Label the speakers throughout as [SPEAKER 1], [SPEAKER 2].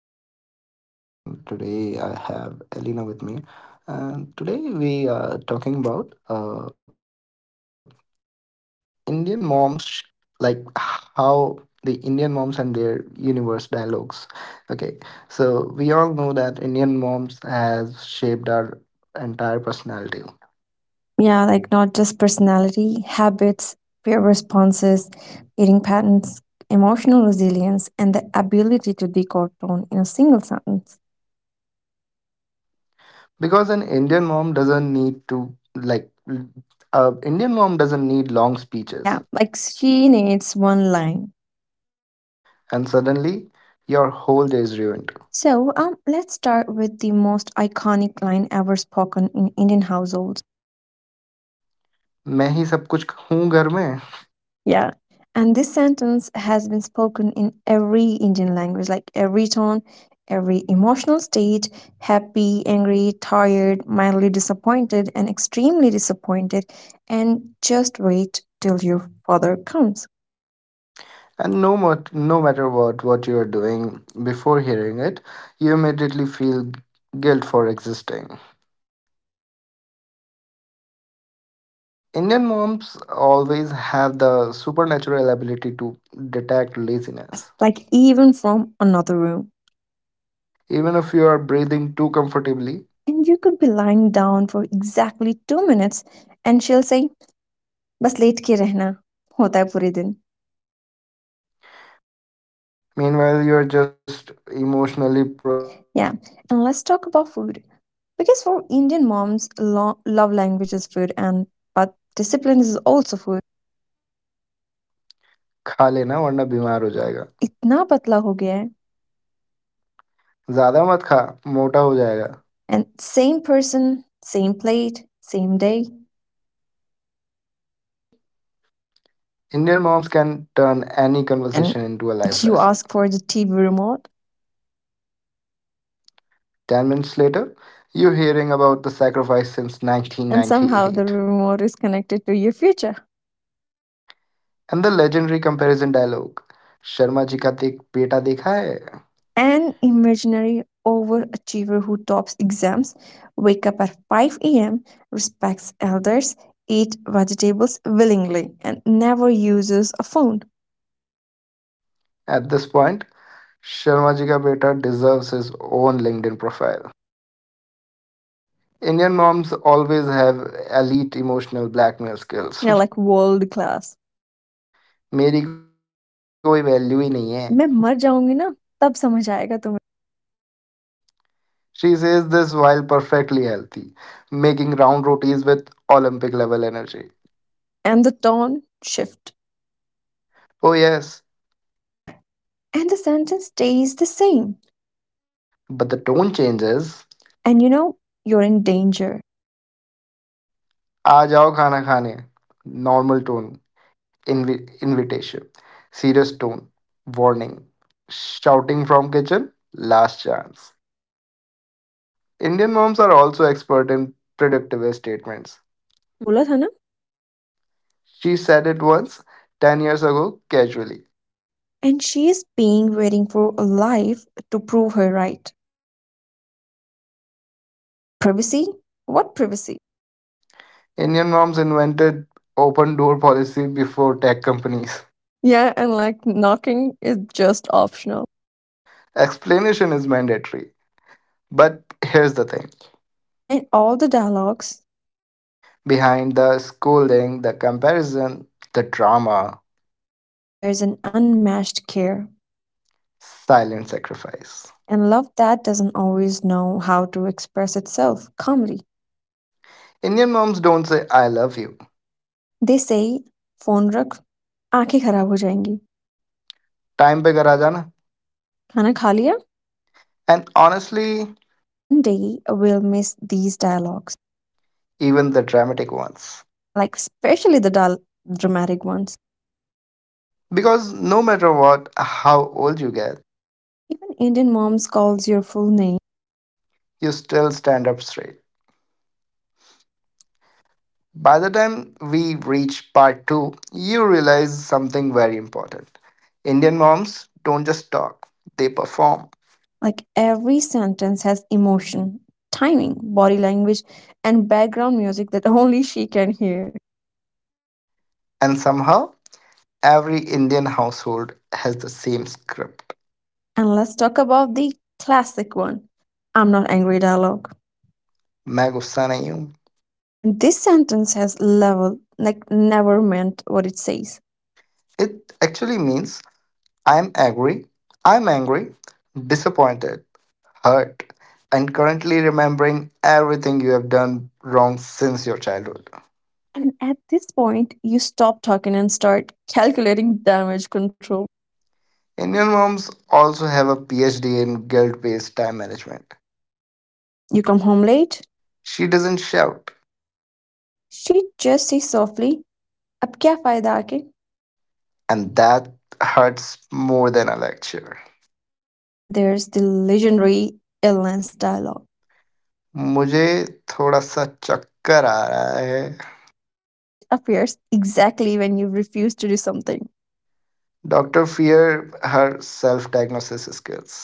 [SPEAKER 1] podcast. My name is Ryan, and today I have Elena with me. And today we are talking about Indian moms, like how the Indian moms and their universe dialogues. Okay, so we all know that Indian moms has shaped our entire personality
[SPEAKER 2] Yeah, like not just personality, habits, fear responses, eating patterns, emotional resilience, and the ability to decode tone in a single sentence.
[SPEAKER 1] because an Indian mom doesn't need to like. Indian mom doesn't need long
[SPEAKER 2] Yeah,
[SPEAKER 1] speeches,
[SPEAKER 2] like she needs one line.
[SPEAKER 1] and suddenly your whole day is ruined.
[SPEAKER 2] So let's start with the most iconic line ever spoken in Indian households.
[SPEAKER 1] मैं ही सब कुछ हूँ घर में.
[SPEAKER 2] Yeah. And this sentence has been spoken in every Indian language, like every tone, every emotional state happy, angry, tired, mildly disappointed, and extremely disappointed. And just wait till your father comes.
[SPEAKER 1] And no matter what you are doing before hearing it, you immediately feel guilt for existing. Indian moms always have the supernatural ability to detect
[SPEAKER 2] Yes,
[SPEAKER 1] laziness.
[SPEAKER 2] like even from another room.
[SPEAKER 1] Even if you are breathing too comfortably,
[SPEAKER 2] And you could be lying down for exactly 2 minutes, and she'll say, Bas let ke rehna, hota hai pure din.
[SPEAKER 1] meanwhile you are just emotionally processing life.
[SPEAKER 2] Yeah, and let's talk about food. Because for Indian moms, love language is food, and but discipline is also food.
[SPEAKER 1] खा लेना वरना बीमार हो जाएगा.
[SPEAKER 2] इतना पतला हो गया है.
[SPEAKER 1] ज़्यादा मत खा मोटा हो जाएगा.
[SPEAKER 2] And same person, same plate, same day,
[SPEAKER 1] Indian moms can turn any conversation into a life lesson.
[SPEAKER 2] and you ask for the TV remote,
[SPEAKER 1] 10 minutes later, you're hearing about the sacrifice since
[SPEAKER 2] and
[SPEAKER 1] 1998,
[SPEAKER 2] somehow the remote is connected to your future.
[SPEAKER 1] and the legendary comparison dialogue, Sharma ji ka dek beta dekha hai.
[SPEAKER 2] An imaginary overachiever who tops exams, wake up at 5 a.m., respects elders, eat vegetables willingly, and never uses a phone.
[SPEAKER 1] At this point, Sharma ji ka beta deserves his own LinkedIn profile. Indian moms always have elite emotional blackmail
[SPEAKER 2] या
[SPEAKER 1] skills.
[SPEAKER 2] Like world class
[SPEAKER 1] मेरी कोई value ही नहीं है.
[SPEAKER 2] मैं मर जाऊंगी ना तब समझ आएगा तुम्हें
[SPEAKER 1] She says this while perfectly healthy, making round rotis with Olympic level energy.
[SPEAKER 2] And the tone shift
[SPEAKER 1] Oh yes,
[SPEAKER 2] yeah and the sentence stays the same
[SPEAKER 1] but the tone changes.
[SPEAKER 2] And you know you're in danger
[SPEAKER 1] आ जाओ खाना खाने. Normal tone. Invitation. Serious tone. Warning. Shouting from kitchen. Last chance. Indian moms are also expert in predictive statements.
[SPEAKER 2] मैंने बोला था ना
[SPEAKER 1] She said it once, 10 years ago, casually.
[SPEAKER 2] and she is being waiting for a life to prove her right privacy what privacy
[SPEAKER 1] Indian moms invented open door policy before tech companies.
[SPEAKER 2] yeah and like knocking is just optional
[SPEAKER 1] Explanation is mandatory. But here's the thing.
[SPEAKER 2] behind all the dialogues
[SPEAKER 1] Behind the scolding, the comparison, the drama,
[SPEAKER 2] there is an unmatched care
[SPEAKER 1] silent sacrifice.
[SPEAKER 2] and love that doesn't always know how to express itself calmly.
[SPEAKER 1] Indian moms don't say I love you.
[SPEAKER 2] They say phone rakh, आंखें खराब ho जाएंगी
[SPEAKER 1] Time pe kara jana.
[SPEAKER 2] खाना kha liya?
[SPEAKER 1] And honestly,
[SPEAKER 2] One day we'll miss these dialogues,
[SPEAKER 1] even the dramatic ones.
[SPEAKER 2] yeah, like especially the dull dramatic ones
[SPEAKER 1] Because no matter what, how old you get,
[SPEAKER 2] even indian moms calls your full name
[SPEAKER 1] you still stand up straight. By the time we reach part two, you realize something very important. Indian moms don't just talk, they perform.
[SPEAKER 2] like every sentence has emotion, timing, body language, and background music that only she can hear.
[SPEAKER 1] And somehow, every Indian household has the same script.
[SPEAKER 2] And let's talk about the classic one, I'm not angry dialogue.
[SPEAKER 1] मैं गुस्सा नहीं हूँ.
[SPEAKER 2] And this sentence has level like never meant what it says.
[SPEAKER 1] It actually means I am agree. I am angry, disappointed, hurt, and currently remembering everything you have done wrong since your childhood.
[SPEAKER 2] And at this point, you stop talking and start calculating damage control.
[SPEAKER 1] Indian moms also have a phd in guilt-based time management.
[SPEAKER 2] You come home late.
[SPEAKER 1] She doesn't shout,
[SPEAKER 2] She just says softly, "Ab kya फायदा आके?"
[SPEAKER 1] and that hurts more than a lecture.
[SPEAKER 2] And then there's the legendary illness dialogue.
[SPEAKER 1] मुझे थोड़ा सा चक्कर आ रहा है.
[SPEAKER 2] Which appears exactly when you refuse to do something,
[SPEAKER 1] Doctor fear her self-diagnosis skills.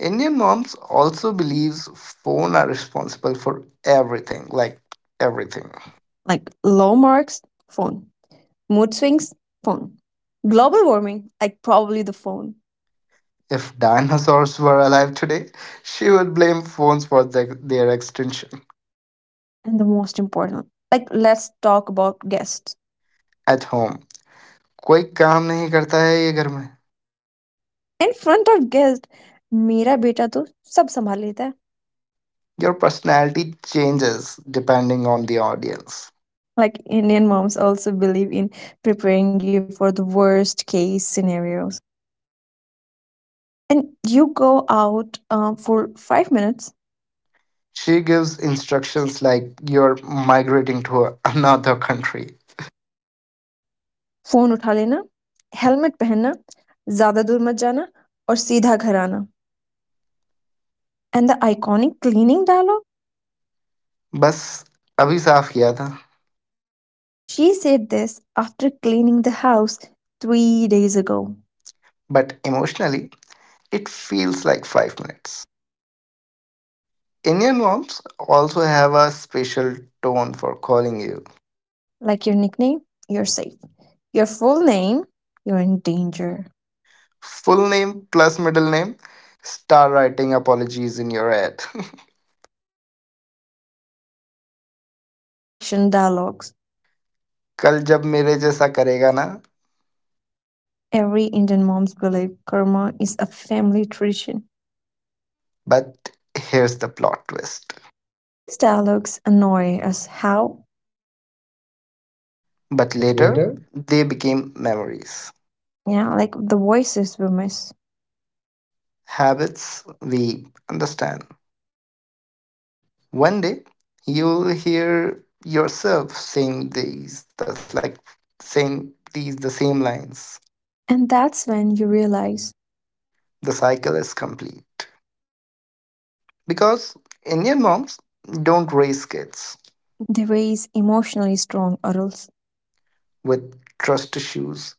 [SPEAKER 1] Indian moms also believes phone are responsible for everything, like everything.
[SPEAKER 2] like low marks, phone, mood swings, phone, global warming, like probably the phone,
[SPEAKER 1] If dinosaurs were alive today, she would blame phones for the, their extinction.
[SPEAKER 2] and the most important, like let's talk about guests.
[SPEAKER 1] At home, कोई काम नहीं करता है ये घर में.
[SPEAKER 2] In front of guests, मेरा बेटा तो सब संभाल लेता है.
[SPEAKER 1] Your personality changes depending on the audience.
[SPEAKER 2] Like Indian moms also believe in preparing you for the worst case scenarios. And you go out for 5 minutes
[SPEAKER 1] She gives instructions like you're migrating to another country.
[SPEAKER 2] Phone उठा लेना, helmet पहनना, ज़्यादा दूर मत जाना और सीधा घर आना and the iconic cleaning dialogue
[SPEAKER 1] बस अभी साफ किया था.
[SPEAKER 2] and she said this after cleaning the house 3 days ago.
[SPEAKER 1] But emotionally, it feels like 5 minutes. Indian moms also have a special tone for calling you.
[SPEAKER 2] Like your nickname, you're safe. Your full name, you're in danger.
[SPEAKER 1] Full name plus middle name. Start writing apologies in your head.
[SPEAKER 2] And let's not forget about the future prediction dialogues.
[SPEAKER 1] कल जब मेरे जैसा करेगा ना.
[SPEAKER 2] Every Indian mom's belief karma is a family tradition.
[SPEAKER 1] But here's the plot twist.
[SPEAKER 2] These dialogues annoy us how,
[SPEAKER 1] But later, they became memories,
[SPEAKER 2] yeah, like the voices we miss.
[SPEAKER 1] habits we understand. One day, you'll hear yourself saying these, that's like saying these the same lines.
[SPEAKER 2] And that's when you realize
[SPEAKER 1] The cycle is complete. Because Indian moms don't raise kids
[SPEAKER 2] they raise emotionally strong adults.
[SPEAKER 1] with trust issues,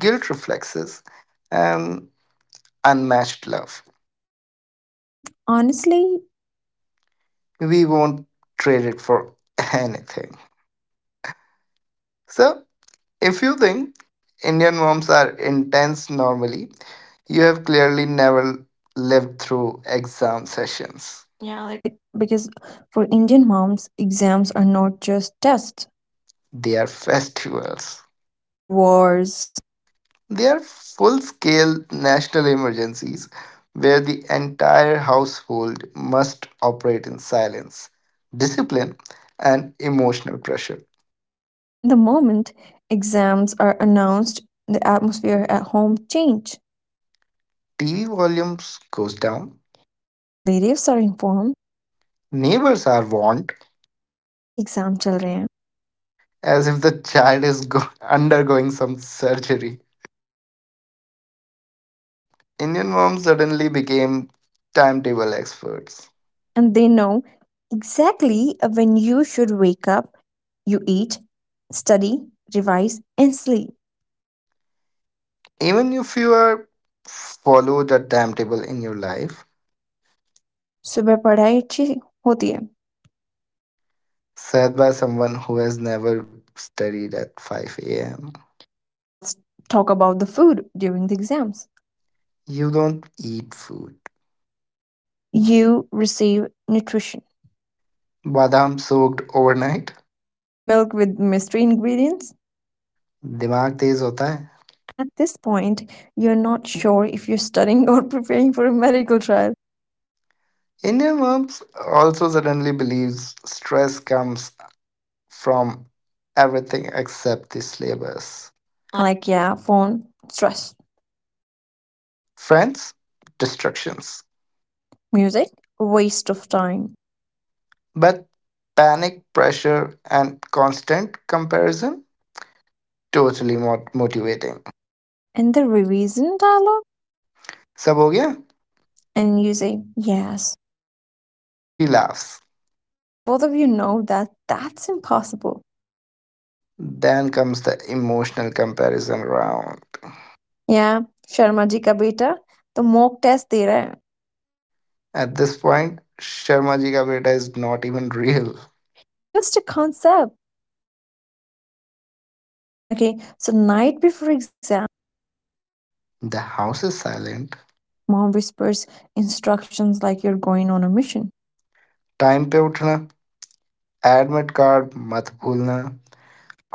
[SPEAKER 1] guilt reflexes, and unmatched love.
[SPEAKER 2] And honestly,
[SPEAKER 1] We won't trade it for anything. So, if you think Indian moms are intense normally, you have clearly never lived through exam sessions. Yeah,
[SPEAKER 2] yeah,
[SPEAKER 1] like
[SPEAKER 2] like because for Indian moms, exams are not just tests,
[SPEAKER 1] they are festivals.
[SPEAKER 2] they are wars.
[SPEAKER 1] They are full scale national emergencies where the entire household must operate in silence, discipline, and emotional pressure.
[SPEAKER 2] And the moment exams are announced, the atmosphere at home change.
[SPEAKER 1] TV volumes goes down.
[SPEAKER 2] Relatives are informed,
[SPEAKER 1] Neighbors are warned
[SPEAKER 2] it's the exam chal rahe hain.
[SPEAKER 1] as if the child is undergoing some surgery. Indian moms suddenly became timetable experts.
[SPEAKER 2] And they know exactly when you should wake up, you eat, study, revise, and sleep.
[SPEAKER 1] Even if you are followed a timetable in your life,
[SPEAKER 2] सुबह पढ़ाई अच्छी होती है.
[SPEAKER 1] set by someone who has never studied at 5 a.m.
[SPEAKER 2] And let's talk about the food during the exams.
[SPEAKER 1] You don't eat food
[SPEAKER 2] You receive nutrition,
[SPEAKER 1] बादाम soaked overnight.
[SPEAKER 2] milk with mystery ingredients.
[SPEAKER 1] दिमाग तेज होता है.
[SPEAKER 2] And at this point, you're not sure if you're studying or preparing for a medical trial.
[SPEAKER 1] Indian moms also suddenly believes stress comes from everything except the syllabus,
[SPEAKER 2] Like, yeah, phone, stress,
[SPEAKER 1] friends, distractions,
[SPEAKER 2] music, waste of time.
[SPEAKER 1] but panic pressure and constant comparison, totally motivating.
[SPEAKER 2] And the revision dialogue,
[SPEAKER 1] सब हो गया.
[SPEAKER 2] and you say, yes.
[SPEAKER 1] She laughs.
[SPEAKER 2] Because both of you know that that's impossible.
[SPEAKER 1] Then comes the emotional comparison round.
[SPEAKER 2] Yeah, Sharma ji ka beta, the mock test there,
[SPEAKER 1] At this point, Sharmaji's beta is not even real.
[SPEAKER 2] just a concept. Okay, so night before exam,
[SPEAKER 1] The house is silent.
[SPEAKER 2] mom whispers instructions like you're going on a mission.
[SPEAKER 1] Time to get up. Admission card, don't forget.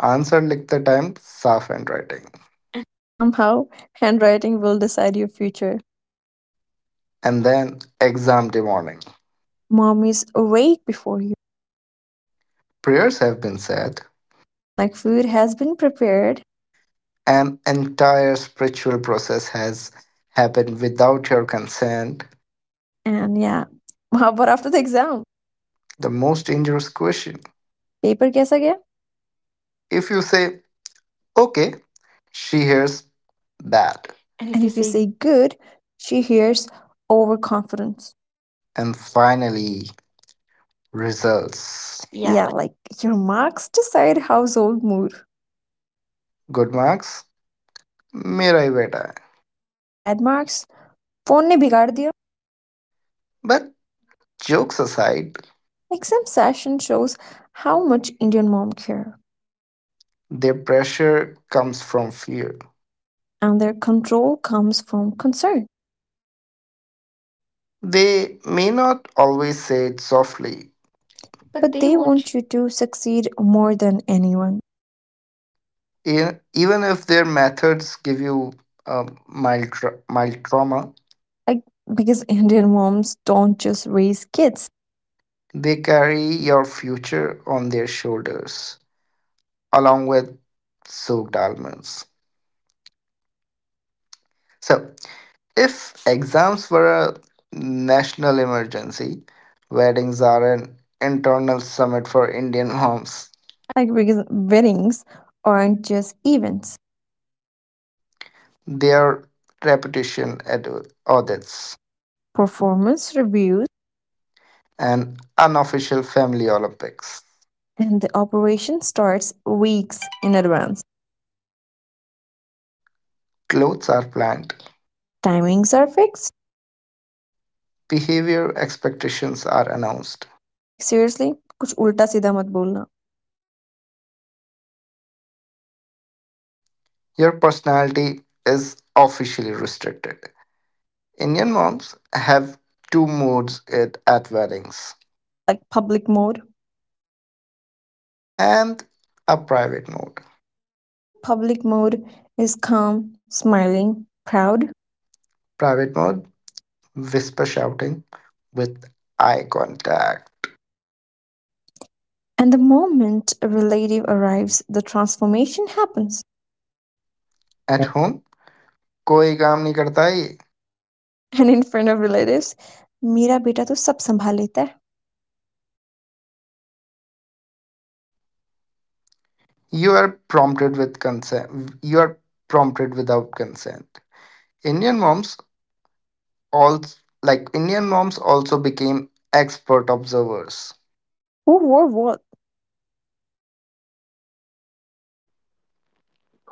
[SPEAKER 1] Answer written on time. Soft handwriting.
[SPEAKER 2] And somehow, handwriting will decide your future.
[SPEAKER 1] And then exam day morning.
[SPEAKER 2] Mom is awake before you.
[SPEAKER 1] Prayers have been said,
[SPEAKER 2] Like food has been prepared.
[SPEAKER 1] and entire spiritual process has happened without your consent.
[SPEAKER 2] And yeah, how about after the exam?
[SPEAKER 1] The most dangerous question.
[SPEAKER 2] Paper guess again?
[SPEAKER 1] If you say okay, she hears that. And if
[SPEAKER 2] And
[SPEAKER 1] you
[SPEAKER 2] if you
[SPEAKER 1] say.
[SPEAKER 2] say good, she hears overconfidence.
[SPEAKER 1] And finally. Results. Yeah,
[SPEAKER 2] Yeah, like your marks decide household mood.
[SPEAKER 1] good marks. Mera hi beta.
[SPEAKER 2] And bad marks, phone ne bigaad diya.
[SPEAKER 1] But jokes aside,
[SPEAKER 2] Exam session shows how much Indian mom care.
[SPEAKER 1] their pressure comes from fear.
[SPEAKER 2] And their control comes from concern.
[SPEAKER 1] They may not always say it softly, but
[SPEAKER 2] But
[SPEAKER 1] they
[SPEAKER 2] they
[SPEAKER 1] won't.
[SPEAKER 2] want you to succeed more than anyone.
[SPEAKER 1] Even if their methods give you a mild trauma,
[SPEAKER 2] Like because Indian moms don't just raise kids.
[SPEAKER 1] they carry your future on their shoulders, along with soaked almonds. So, if exams were a national emergency, weddings are an internal summit for Indian homes.
[SPEAKER 2] Like because weddings aren't just events.
[SPEAKER 1] They are repetition at audits
[SPEAKER 2] Performance reviews
[SPEAKER 1] and unofficial family Olympics.
[SPEAKER 2] and the operation starts weeks in advance.
[SPEAKER 1] Clothes are planned,
[SPEAKER 2] Timings are fixed.
[SPEAKER 1] behavior expectations are announced.
[SPEAKER 2] Like seriously, कुछ उल्टा सीधा मत बोलना.
[SPEAKER 1] Your personality is officially restricted. Indian moms have two modes at weddings,
[SPEAKER 2] Like public mode.
[SPEAKER 1] and a private mode.
[SPEAKER 2] Like your public mode is calm, smiling, proud.
[SPEAKER 1] Private mode whisper shouting with eye contact.
[SPEAKER 2] And the moment a relative arrives, the transformation happens.
[SPEAKER 1] At home, कोई काम नहीं करता है ये.
[SPEAKER 2] And in front of relatives मेरा बेटा तो सब संभाल लेता है
[SPEAKER 1] You are prompted with consent. You are prompted without consent. Indian moms also Indian moms also became expert observers
[SPEAKER 2] who wore what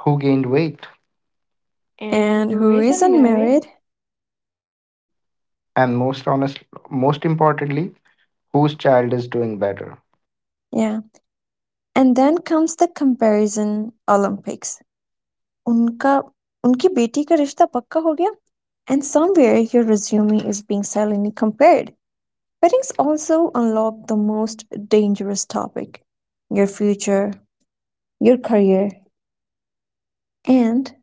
[SPEAKER 1] who gained weight and
[SPEAKER 2] and
[SPEAKER 1] who
[SPEAKER 2] who
[SPEAKER 1] isn't
[SPEAKER 2] isn't
[SPEAKER 1] married,
[SPEAKER 2] married.
[SPEAKER 1] and most honest, most importantly, whose child is doing better.
[SPEAKER 2] Yeah, and then comes the comparison olympics उनका उनकी बेटी का रिष्टा पक्का हो गया? And somewhere, your resume is being silently compared. Weddings also unlock the most dangerous topic. Your future, your career, and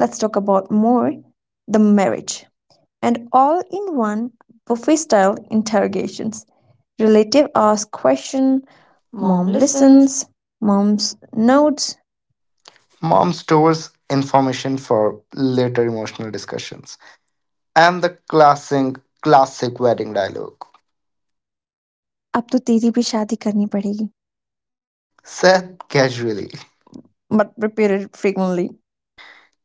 [SPEAKER 2] let's talk about more, the marriage. And all-in-one, buffy-style interrogations. Relative ask questions,
[SPEAKER 1] Mom
[SPEAKER 2] mom
[SPEAKER 1] listens.
[SPEAKER 2] listens, mom's notes,
[SPEAKER 1] Mom stores information for later emotional discussions. And the classic, classic wedding dialogue,
[SPEAKER 2] अब तो तीडी P शादी करनी पड़ेगी,
[SPEAKER 1] said casually.
[SPEAKER 2] but repeated frequently.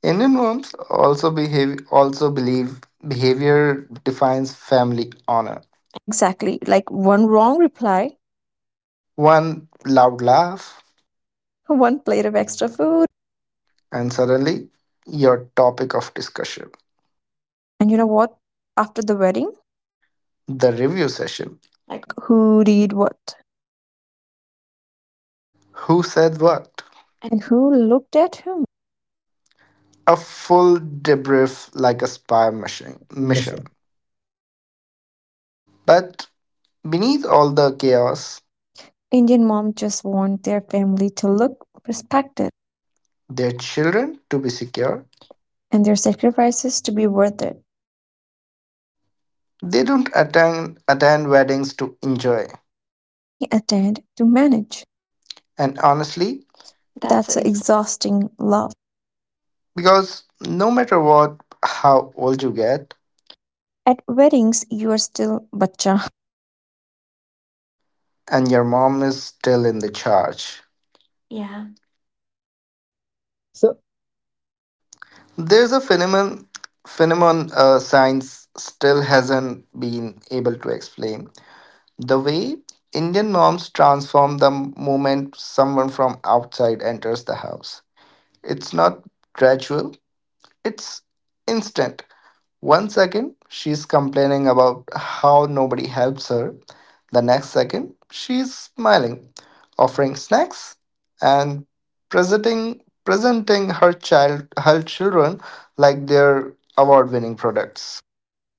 [SPEAKER 1] Indian moms also behave also believe behavior defines family honor.
[SPEAKER 2] Exactly. Like one wrong reply,
[SPEAKER 1] One loud laugh,
[SPEAKER 2] one plate of extra food.
[SPEAKER 1] and suddenly your topic of discussion.
[SPEAKER 2] And you know what? After the wedding,
[SPEAKER 1] The review session.
[SPEAKER 2] like who did what
[SPEAKER 1] Who said what?
[SPEAKER 2] and who looked at whom?
[SPEAKER 1] A full debrief like a spy mission. But beneath all the chaos,
[SPEAKER 2] Indian mom just want their family to look respected
[SPEAKER 1] their children to be secure.
[SPEAKER 2] and their sacrifices to be worth it.
[SPEAKER 1] They don't attend weddings to enjoy.
[SPEAKER 2] They attend to manage.
[SPEAKER 1] And honestly, That's
[SPEAKER 2] That's a
[SPEAKER 1] ex-
[SPEAKER 2] exhausting love.
[SPEAKER 1] because no matter what, how old you get,
[SPEAKER 2] At weddings, you are still bacha.
[SPEAKER 1] and your mom is still in the charge. Yeah. There's a phenomenon science still hasn't been able to explain. The way Indian moms transform the moment someone from outside enters the house. It's not gradual, it's instant. One second, she's complaining about how nobody helps her. The next second, she's smiling, offering snacks, and presenting her children like their award-winning products.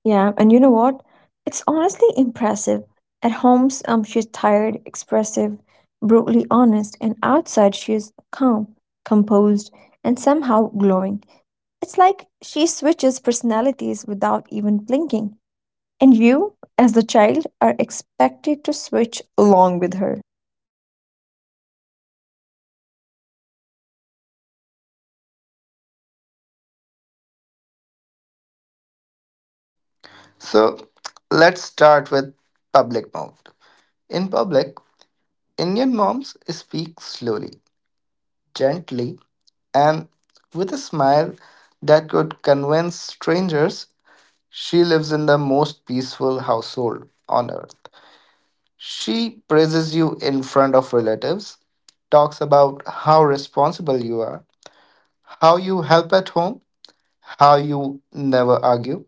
[SPEAKER 2] Yeah, and you know what? It's honestly impressive. At home, she's tired, expressive, brutally honest, and outside, she's calm, composed, and somehow glowing. It's like she switches personalities without even blinking. And you, as the child, are expected to switch along with her.
[SPEAKER 1] So let's start with public mode. In public, Indian moms speak slowly, gently, and with a smile that could convince strangers she lives in the most peaceful household on earth. She praises you in front of relatives, talks about how responsible you are, how you help at home, how you never argue.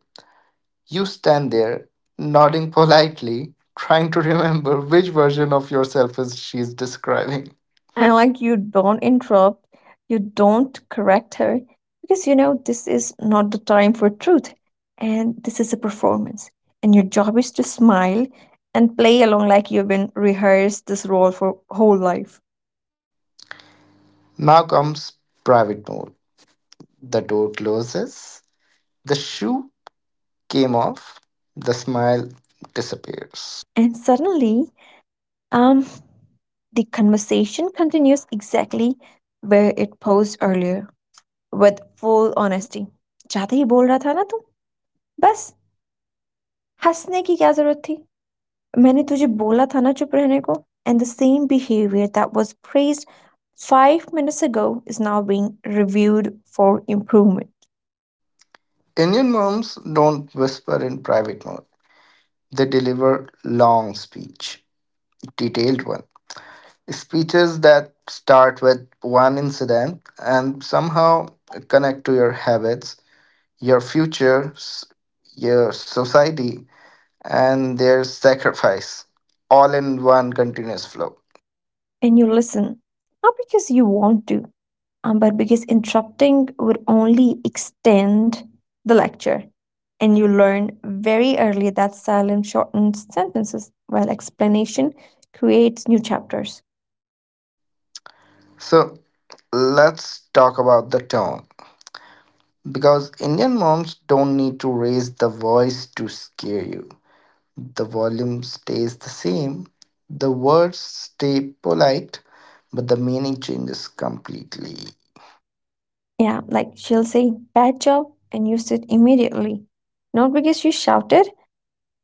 [SPEAKER 1] You stand there, nodding politely, trying to remember which version of yourself is she's describing.
[SPEAKER 2] And like you don't interrupt, you don't correct her because you know this is not the time for truth and this is a performance. And your job is to smile and play along like you've been rehearsed this role for whole life.
[SPEAKER 1] Now comes private mode. The door closes, the shoe came off, the smile disappears.
[SPEAKER 2] And suddenly, um the conversation continues exactly where it paused earlier with full honesty. चाहते ही बोल रहा था ना तू बस हंसने की क्या जरूरत थी मैंने तुझे बोला था ना चुप रहने को and the same behavior that was praised 5 minutes ago is now being reviewed for improvement.
[SPEAKER 1] Indian moms don't whisper in private mode. They deliver long speech, detailed one. Speeches that start with one incident and somehow connect to your habits, your future, your society, and their sacrifice, all in one continuous flow.
[SPEAKER 2] And you listen, not because you want to, but because interrupting would only extend the lecture. And you learn very early that silence shortens sentences while explanation creates new chapters.
[SPEAKER 1] So let's talk about the tone, because Indian moms don't need to raise the voice to scare you. The volume stays the same, the words stay polite, but the meaning changes completely.
[SPEAKER 2] Yeah, like she'll say, bad job, and you sit immediately. Not because you shouted,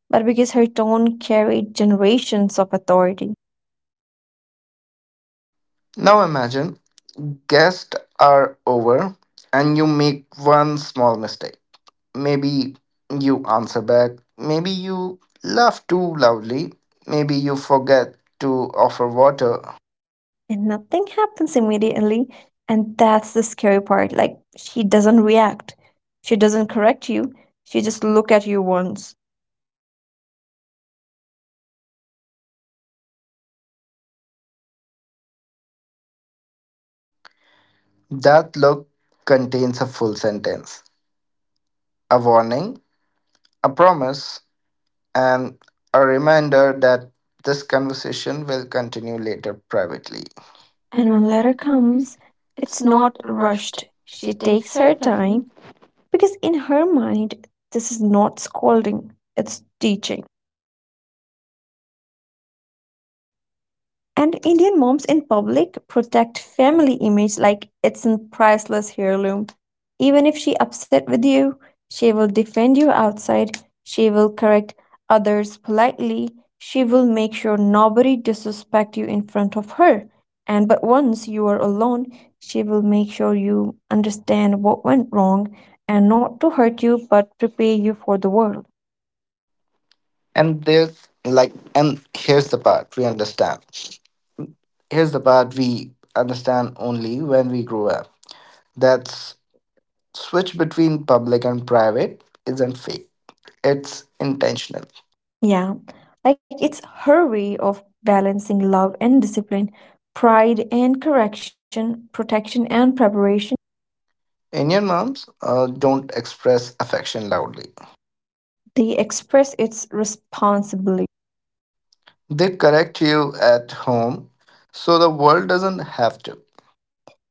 [SPEAKER 2] but because her tone carried generations of authority.
[SPEAKER 1] Now imagine guests are over and you make one small mistake. Maybe you answer back, maybe you laugh too loudly, maybe you forget to offer water.
[SPEAKER 2] And nothing happens immediately. And that's the scary part. Like, she doesn't react, she doesn't correct you, she just look at you once.
[SPEAKER 1] That look contains a full sentence, a warning, a promise, and a reminder that this conversation will continue later privately. And
[SPEAKER 2] And
[SPEAKER 1] when
[SPEAKER 2] when letter
[SPEAKER 1] Lara comes,
[SPEAKER 2] comes,
[SPEAKER 1] it's
[SPEAKER 2] it's
[SPEAKER 1] not
[SPEAKER 2] not
[SPEAKER 1] rushed.
[SPEAKER 2] rushed.
[SPEAKER 1] She
[SPEAKER 2] She
[SPEAKER 1] takes
[SPEAKER 2] takes
[SPEAKER 1] her
[SPEAKER 2] her
[SPEAKER 1] time.
[SPEAKER 2] time because in her mind, this is not scolding, it's teaching. And Indian moms in public protect family image like it's a priceless heirloom. Even if she upset with you, she will defend you outside. She will correct others politely. She will make sure nobody disrespect you in front of her. And but once you are alone, she will make sure you understand what went wrong and not to hurt you but prepare you for the world.
[SPEAKER 1] And there's like, and here's the part we understand. Here's the part we understand only when we grow up. That switch between public and private isn't fake, it's intentional.
[SPEAKER 2] Yeah, like it's her way of balancing love and discipline, pride and correction, protection and preparation.
[SPEAKER 1] Indian moms don't express affection loudly,
[SPEAKER 2] They express its responsibility.
[SPEAKER 1] they correct you at home so the world doesn't have to.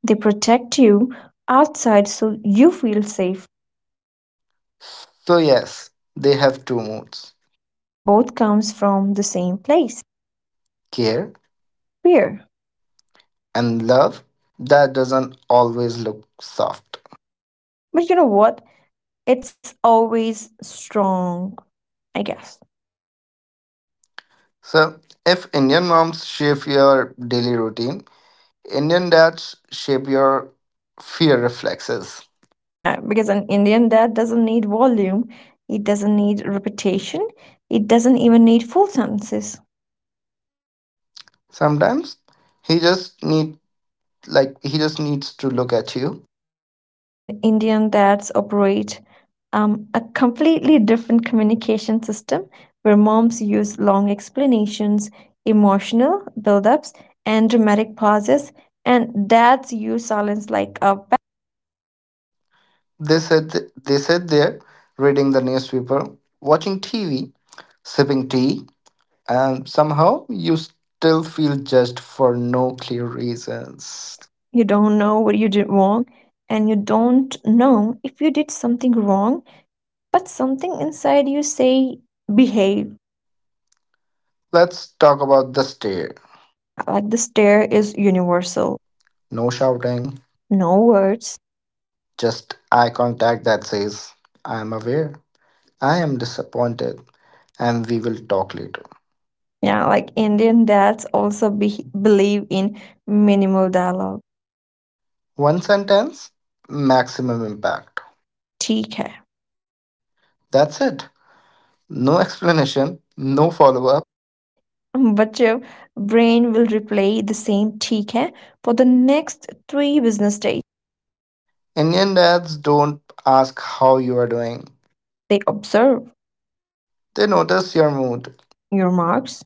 [SPEAKER 2] They protect you outside so you feel safe,
[SPEAKER 1] So, yes, they have two moods,
[SPEAKER 2] but both comes from the same place,
[SPEAKER 1] care,
[SPEAKER 2] fear.
[SPEAKER 1] and love that doesn't always look soft.
[SPEAKER 2] But you know what? It's always strong, I guess.
[SPEAKER 1] So, if Indian moms shape your daily routine, Indian dads shape your fear reflexes.
[SPEAKER 2] Yeah, because an Indian dad doesn't need volume, it doesn't need repetition, it doesn't even need full sentences.
[SPEAKER 1] Sometimes he just need he just needs to look at you.
[SPEAKER 2] And Indian dads operate a completely different communication system where moms use long explanations, emotional buildups, and dramatic pauses, and dads use silence like a
[SPEAKER 1] They sit they sit there reading the newspaper, watching TV, sipping tea, and somehow you still feel judged for no clear reasons.
[SPEAKER 2] you don't know what you did wrong, and you don't know if you did something wrong, but something inside you say behave.
[SPEAKER 1] Let's talk about the stare.
[SPEAKER 2] Yeah, like the stare is universal.
[SPEAKER 1] No shouting,
[SPEAKER 2] No words.
[SPEAKER 1] just eye contact that says, I am aware, I am disappointed, and we will talk later.
[SPEAKER 2] Yeah, like Indian dads also believe in minimal dialogue.
[SPEAKER 1] One sentence, maximum impact.
[SPEAKER 2] ठीक है.
[SPEAKER 1] That's it. No explanation, no follow up.
[SPEAKER 2] But your brain will replay the same ठीक है for the next 3 business days.
[SPEAKER 1] Indian dads don't ask how you are doing,
[SPEAKER 2] They observe
[SPEAKER 1] they notice your mood,
[SPEAKER 2] your marks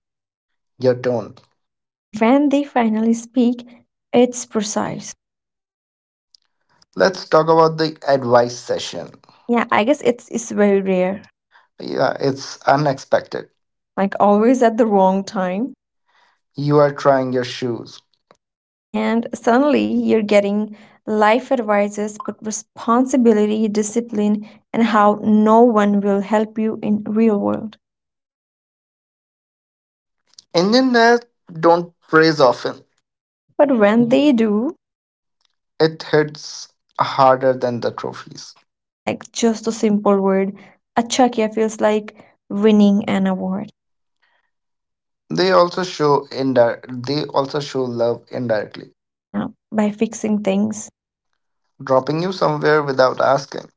[SPEAKER 1] your tone.
[SPEAKER 2] and when they finally speak, it's precise.
[SPEAKER 1] Let's talk about the advice session.
[SPEAKER 2] Yeah, I guess it's very rare.
[SPEAKER 1] Yeah, it's unexpected.
[SPEAKER 2] Like always at the wrong time.
[SPEAKER 1] You are trying your shoes.
[SPEAKER 2] And suddenly you're getting life advices but responsibility, discipline, and how no one will help you in real world
[SPEAKER 1] Indian dads don't praise often.
[SPEAKER 2] but when they do
[SPEAKER 1] It hits harder than the trophies.
[SPEAKER 2] like just a simple word achakia feels like winning an award.
[SPEAKER 1] They also show love indirectly,
[SPEAKER 2] Now, by fixing things
[SPEAKER 1] dropping you somewhere without asking,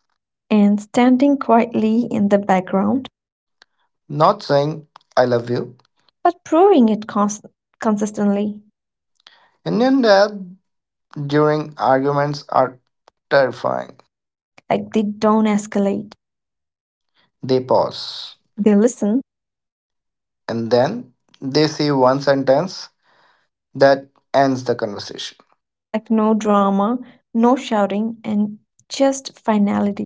[SPEAKER 2] and standing quietly in the background
[SPEAKER 1] not saying I love you.
[SPEAKER 2] but proving it consistently
[SPEAKER 1] Indian dads during arguments are terrifying.
[SPEAKER 2] like they don't escalate,
[SPEAKER 1] They pause
[SPEAKER 2] they listen,
[SPEAKER 1] and then they say one sentence that ends the conversation.
[SPEAKER 2] like no drama, no shouting and just finality.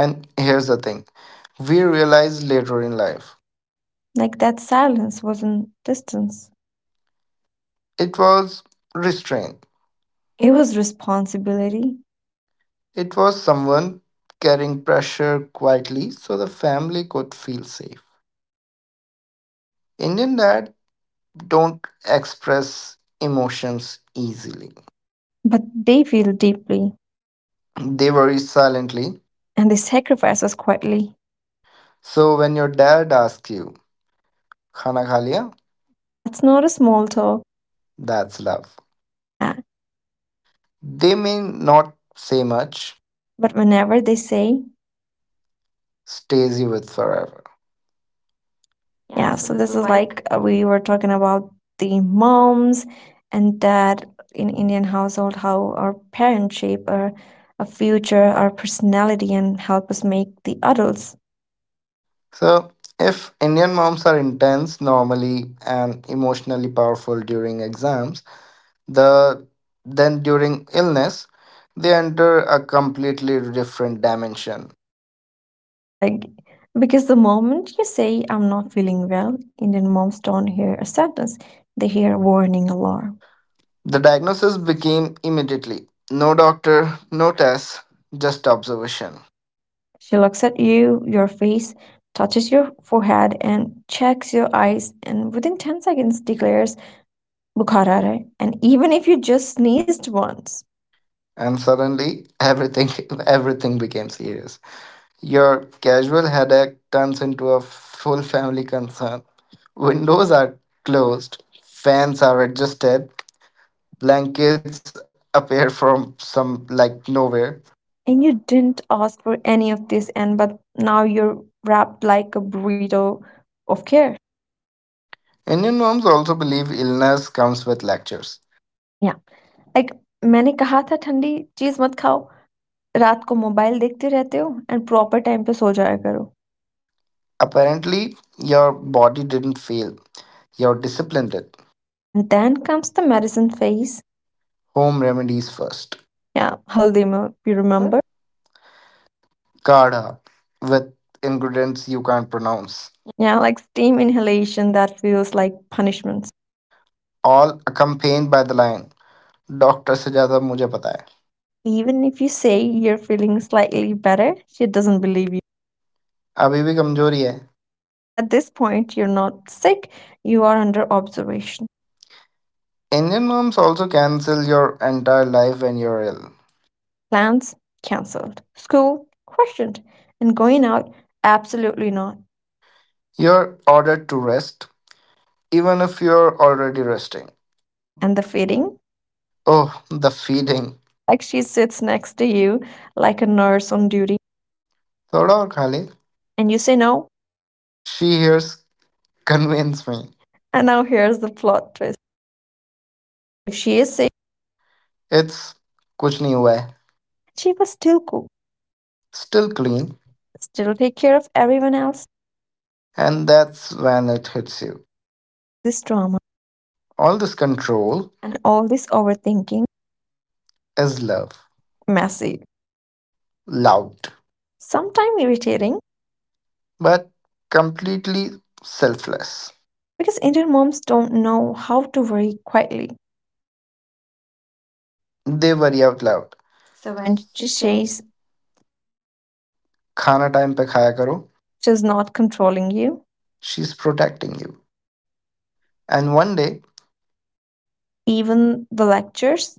[SPEAKER 1] And here's the thing we realize later in life,
[SPEAKER 2] Like that silence wasn't distance,
[SPEAKER 1] it was restraint.
[SPEAKER 2] it was responsibility.
[SPEAKER 1] It was someone carrying pressure quietly so the family could feel safe. Indian dad don't express emotions easily.
[SPEAKER 2] But they feel deeply
[SPEAKER 1] They worry silently.
[SPEAKER 2] and they sacrifice us quietly.
[SPEAKER 1] So when your dad asks you, Khana kha liya?
[SPEAKER 2] That's not a small talk.
[SPEAKER 1] That's love.
[SPEAKER 2] Yeah.
[SPEAKER 1] They may not say much,
[SPEAKER 2] But whenever they say,
[SPEAKER 1] stays you with forever. Yeah,
[SPEAKER 2] yeah,
[SPEAKER 1] so
[SPEAKER 2] so
[SPEAKER 1] this
[SPEAKER 2] this
[SPEAKER 1] is
[SPEAKER 2] is
[SPEAKER 1] like
[SPEAKER 2] like we were talking about the moms and dad in Indian household, how our parents shape our future, our personality, and help us make the adults.
[SPEAKER 1] so, if Indian moms are intense normally and emotionally powerful during exams, the then during illness, they enter a completely different dimension.
[SPEAKER 2] Yeah, like because the moment you say I'm not feeling well, Indian moms don't hear a sentence. They hear a warning alarm.
[SPEAKER 1] The diagnosis became immediately no doctor, no test, just observation.
[SPEAKER 2] She looks at you, your face, touches your forehead and checks your eyes and within 10 seconds declares "Bukhar aa raha hai." And even if you just sneezed once.
[SPEAKER 1] And suddenly everything everything became serious. Your casual headache turns into a full family concern. Windows are closed, fans are adjusted, blankets appear from some like nowhere.
[SPEAKER 2] And you didn't ask for any of this, and but now you're wrapped like a burrito of care.
[SPEAKER 1] Indian moms also believe illness comes with lectures.
[SPEAKER 2] Yeah. Like मैंने कहा था ठंडी चीज मत खाओ रात को mobile देखते रहते हो एंड प्रॉपर टाइम पे सो जाया करो
[SPEAKER 1] Apparently, your body didn't fail, your discipline did.
[SPEAKER 2] And then comes the medicine phase
[SPEAKER 1] Home remedies first.
[SPEAKER 2] Yeah हल्दी में you remember
[SPEAKER 1] Remember? Kadha with ingredients you can't pronounce.
[SPEAKER 2] Yeah like steam inhalation that feels like punishments.
[SPEAKER 1] All accompanied by the line, doctor से ज़्यादा मुझे पता है.
[SPEAKER 2] Even if you say you're feeling slightly better, she doesn't believe you.
[SPEAKER 1] अभी भी कमजोरी है.
[SPEAKER 2] And at this point, you're not sick, you are under observation.
[SPEAKER 1] Indian moms also cancel your entire life when you're ill.
[SPEAKER 2] Plans cancelled, school questioned, and going out absolutely not.
[SPEAKER 1] You're ordered to rest, even if you're already resting.
[SPEAKER 2] And the feeding,
[SPEAKER 1] Oh, the feeding.
[SPEAKER 2] like she sits next to you like a nurse on duty,
[SPEAKER 1] थोड़ा और खा ले.
[SPEAKER 2] and you say no.
[SPEAKER 1] She hears convince me.
[SPEAKER 2] And now here's the plot twist: if she is sick,
[SPEAKER 1] It's कुछ नहीं हुआ है.
[SPEAKER 2] she must still cook,
[SPEAKER 1] Still clean.
[SPEAKER 2] still take care of everyone else.
[SPEAKER 1] And that's when it hits you.
[SPEAKER 2] All this drama
[SPEAKER 1] All this control
[SPEAKER 2] and all this overthinking,
[SPEAKER 1] is love.
[SPEAKER 2] messy,
[SPEAKER 1] Loud.
[SPEAKER 2] sometimes irritating,
[SPEAKER 1] But completely selfless.
[SPEAKER 2] because Indian moms don't know how to worry quietly.
[SPEAKER 1] They worry out loud. So
[SPEAKER 2] So when
[SPEAKER 1] when she
[SPEAKER 2] she
[SPEAKER 1] says,
[SPEAKER 2] says
[SPEAKER 1] खाना time पे खाया करो.
[SPEAKER 2] she's not controlling you,
[SPEAKER 1] She's protecting you. And one day,
[SPEAKER 2] even the lectures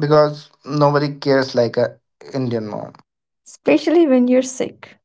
[SPEAKER 1] because nobody cares like a Indian mom.
[SPEAKER 2] especially when you're sick.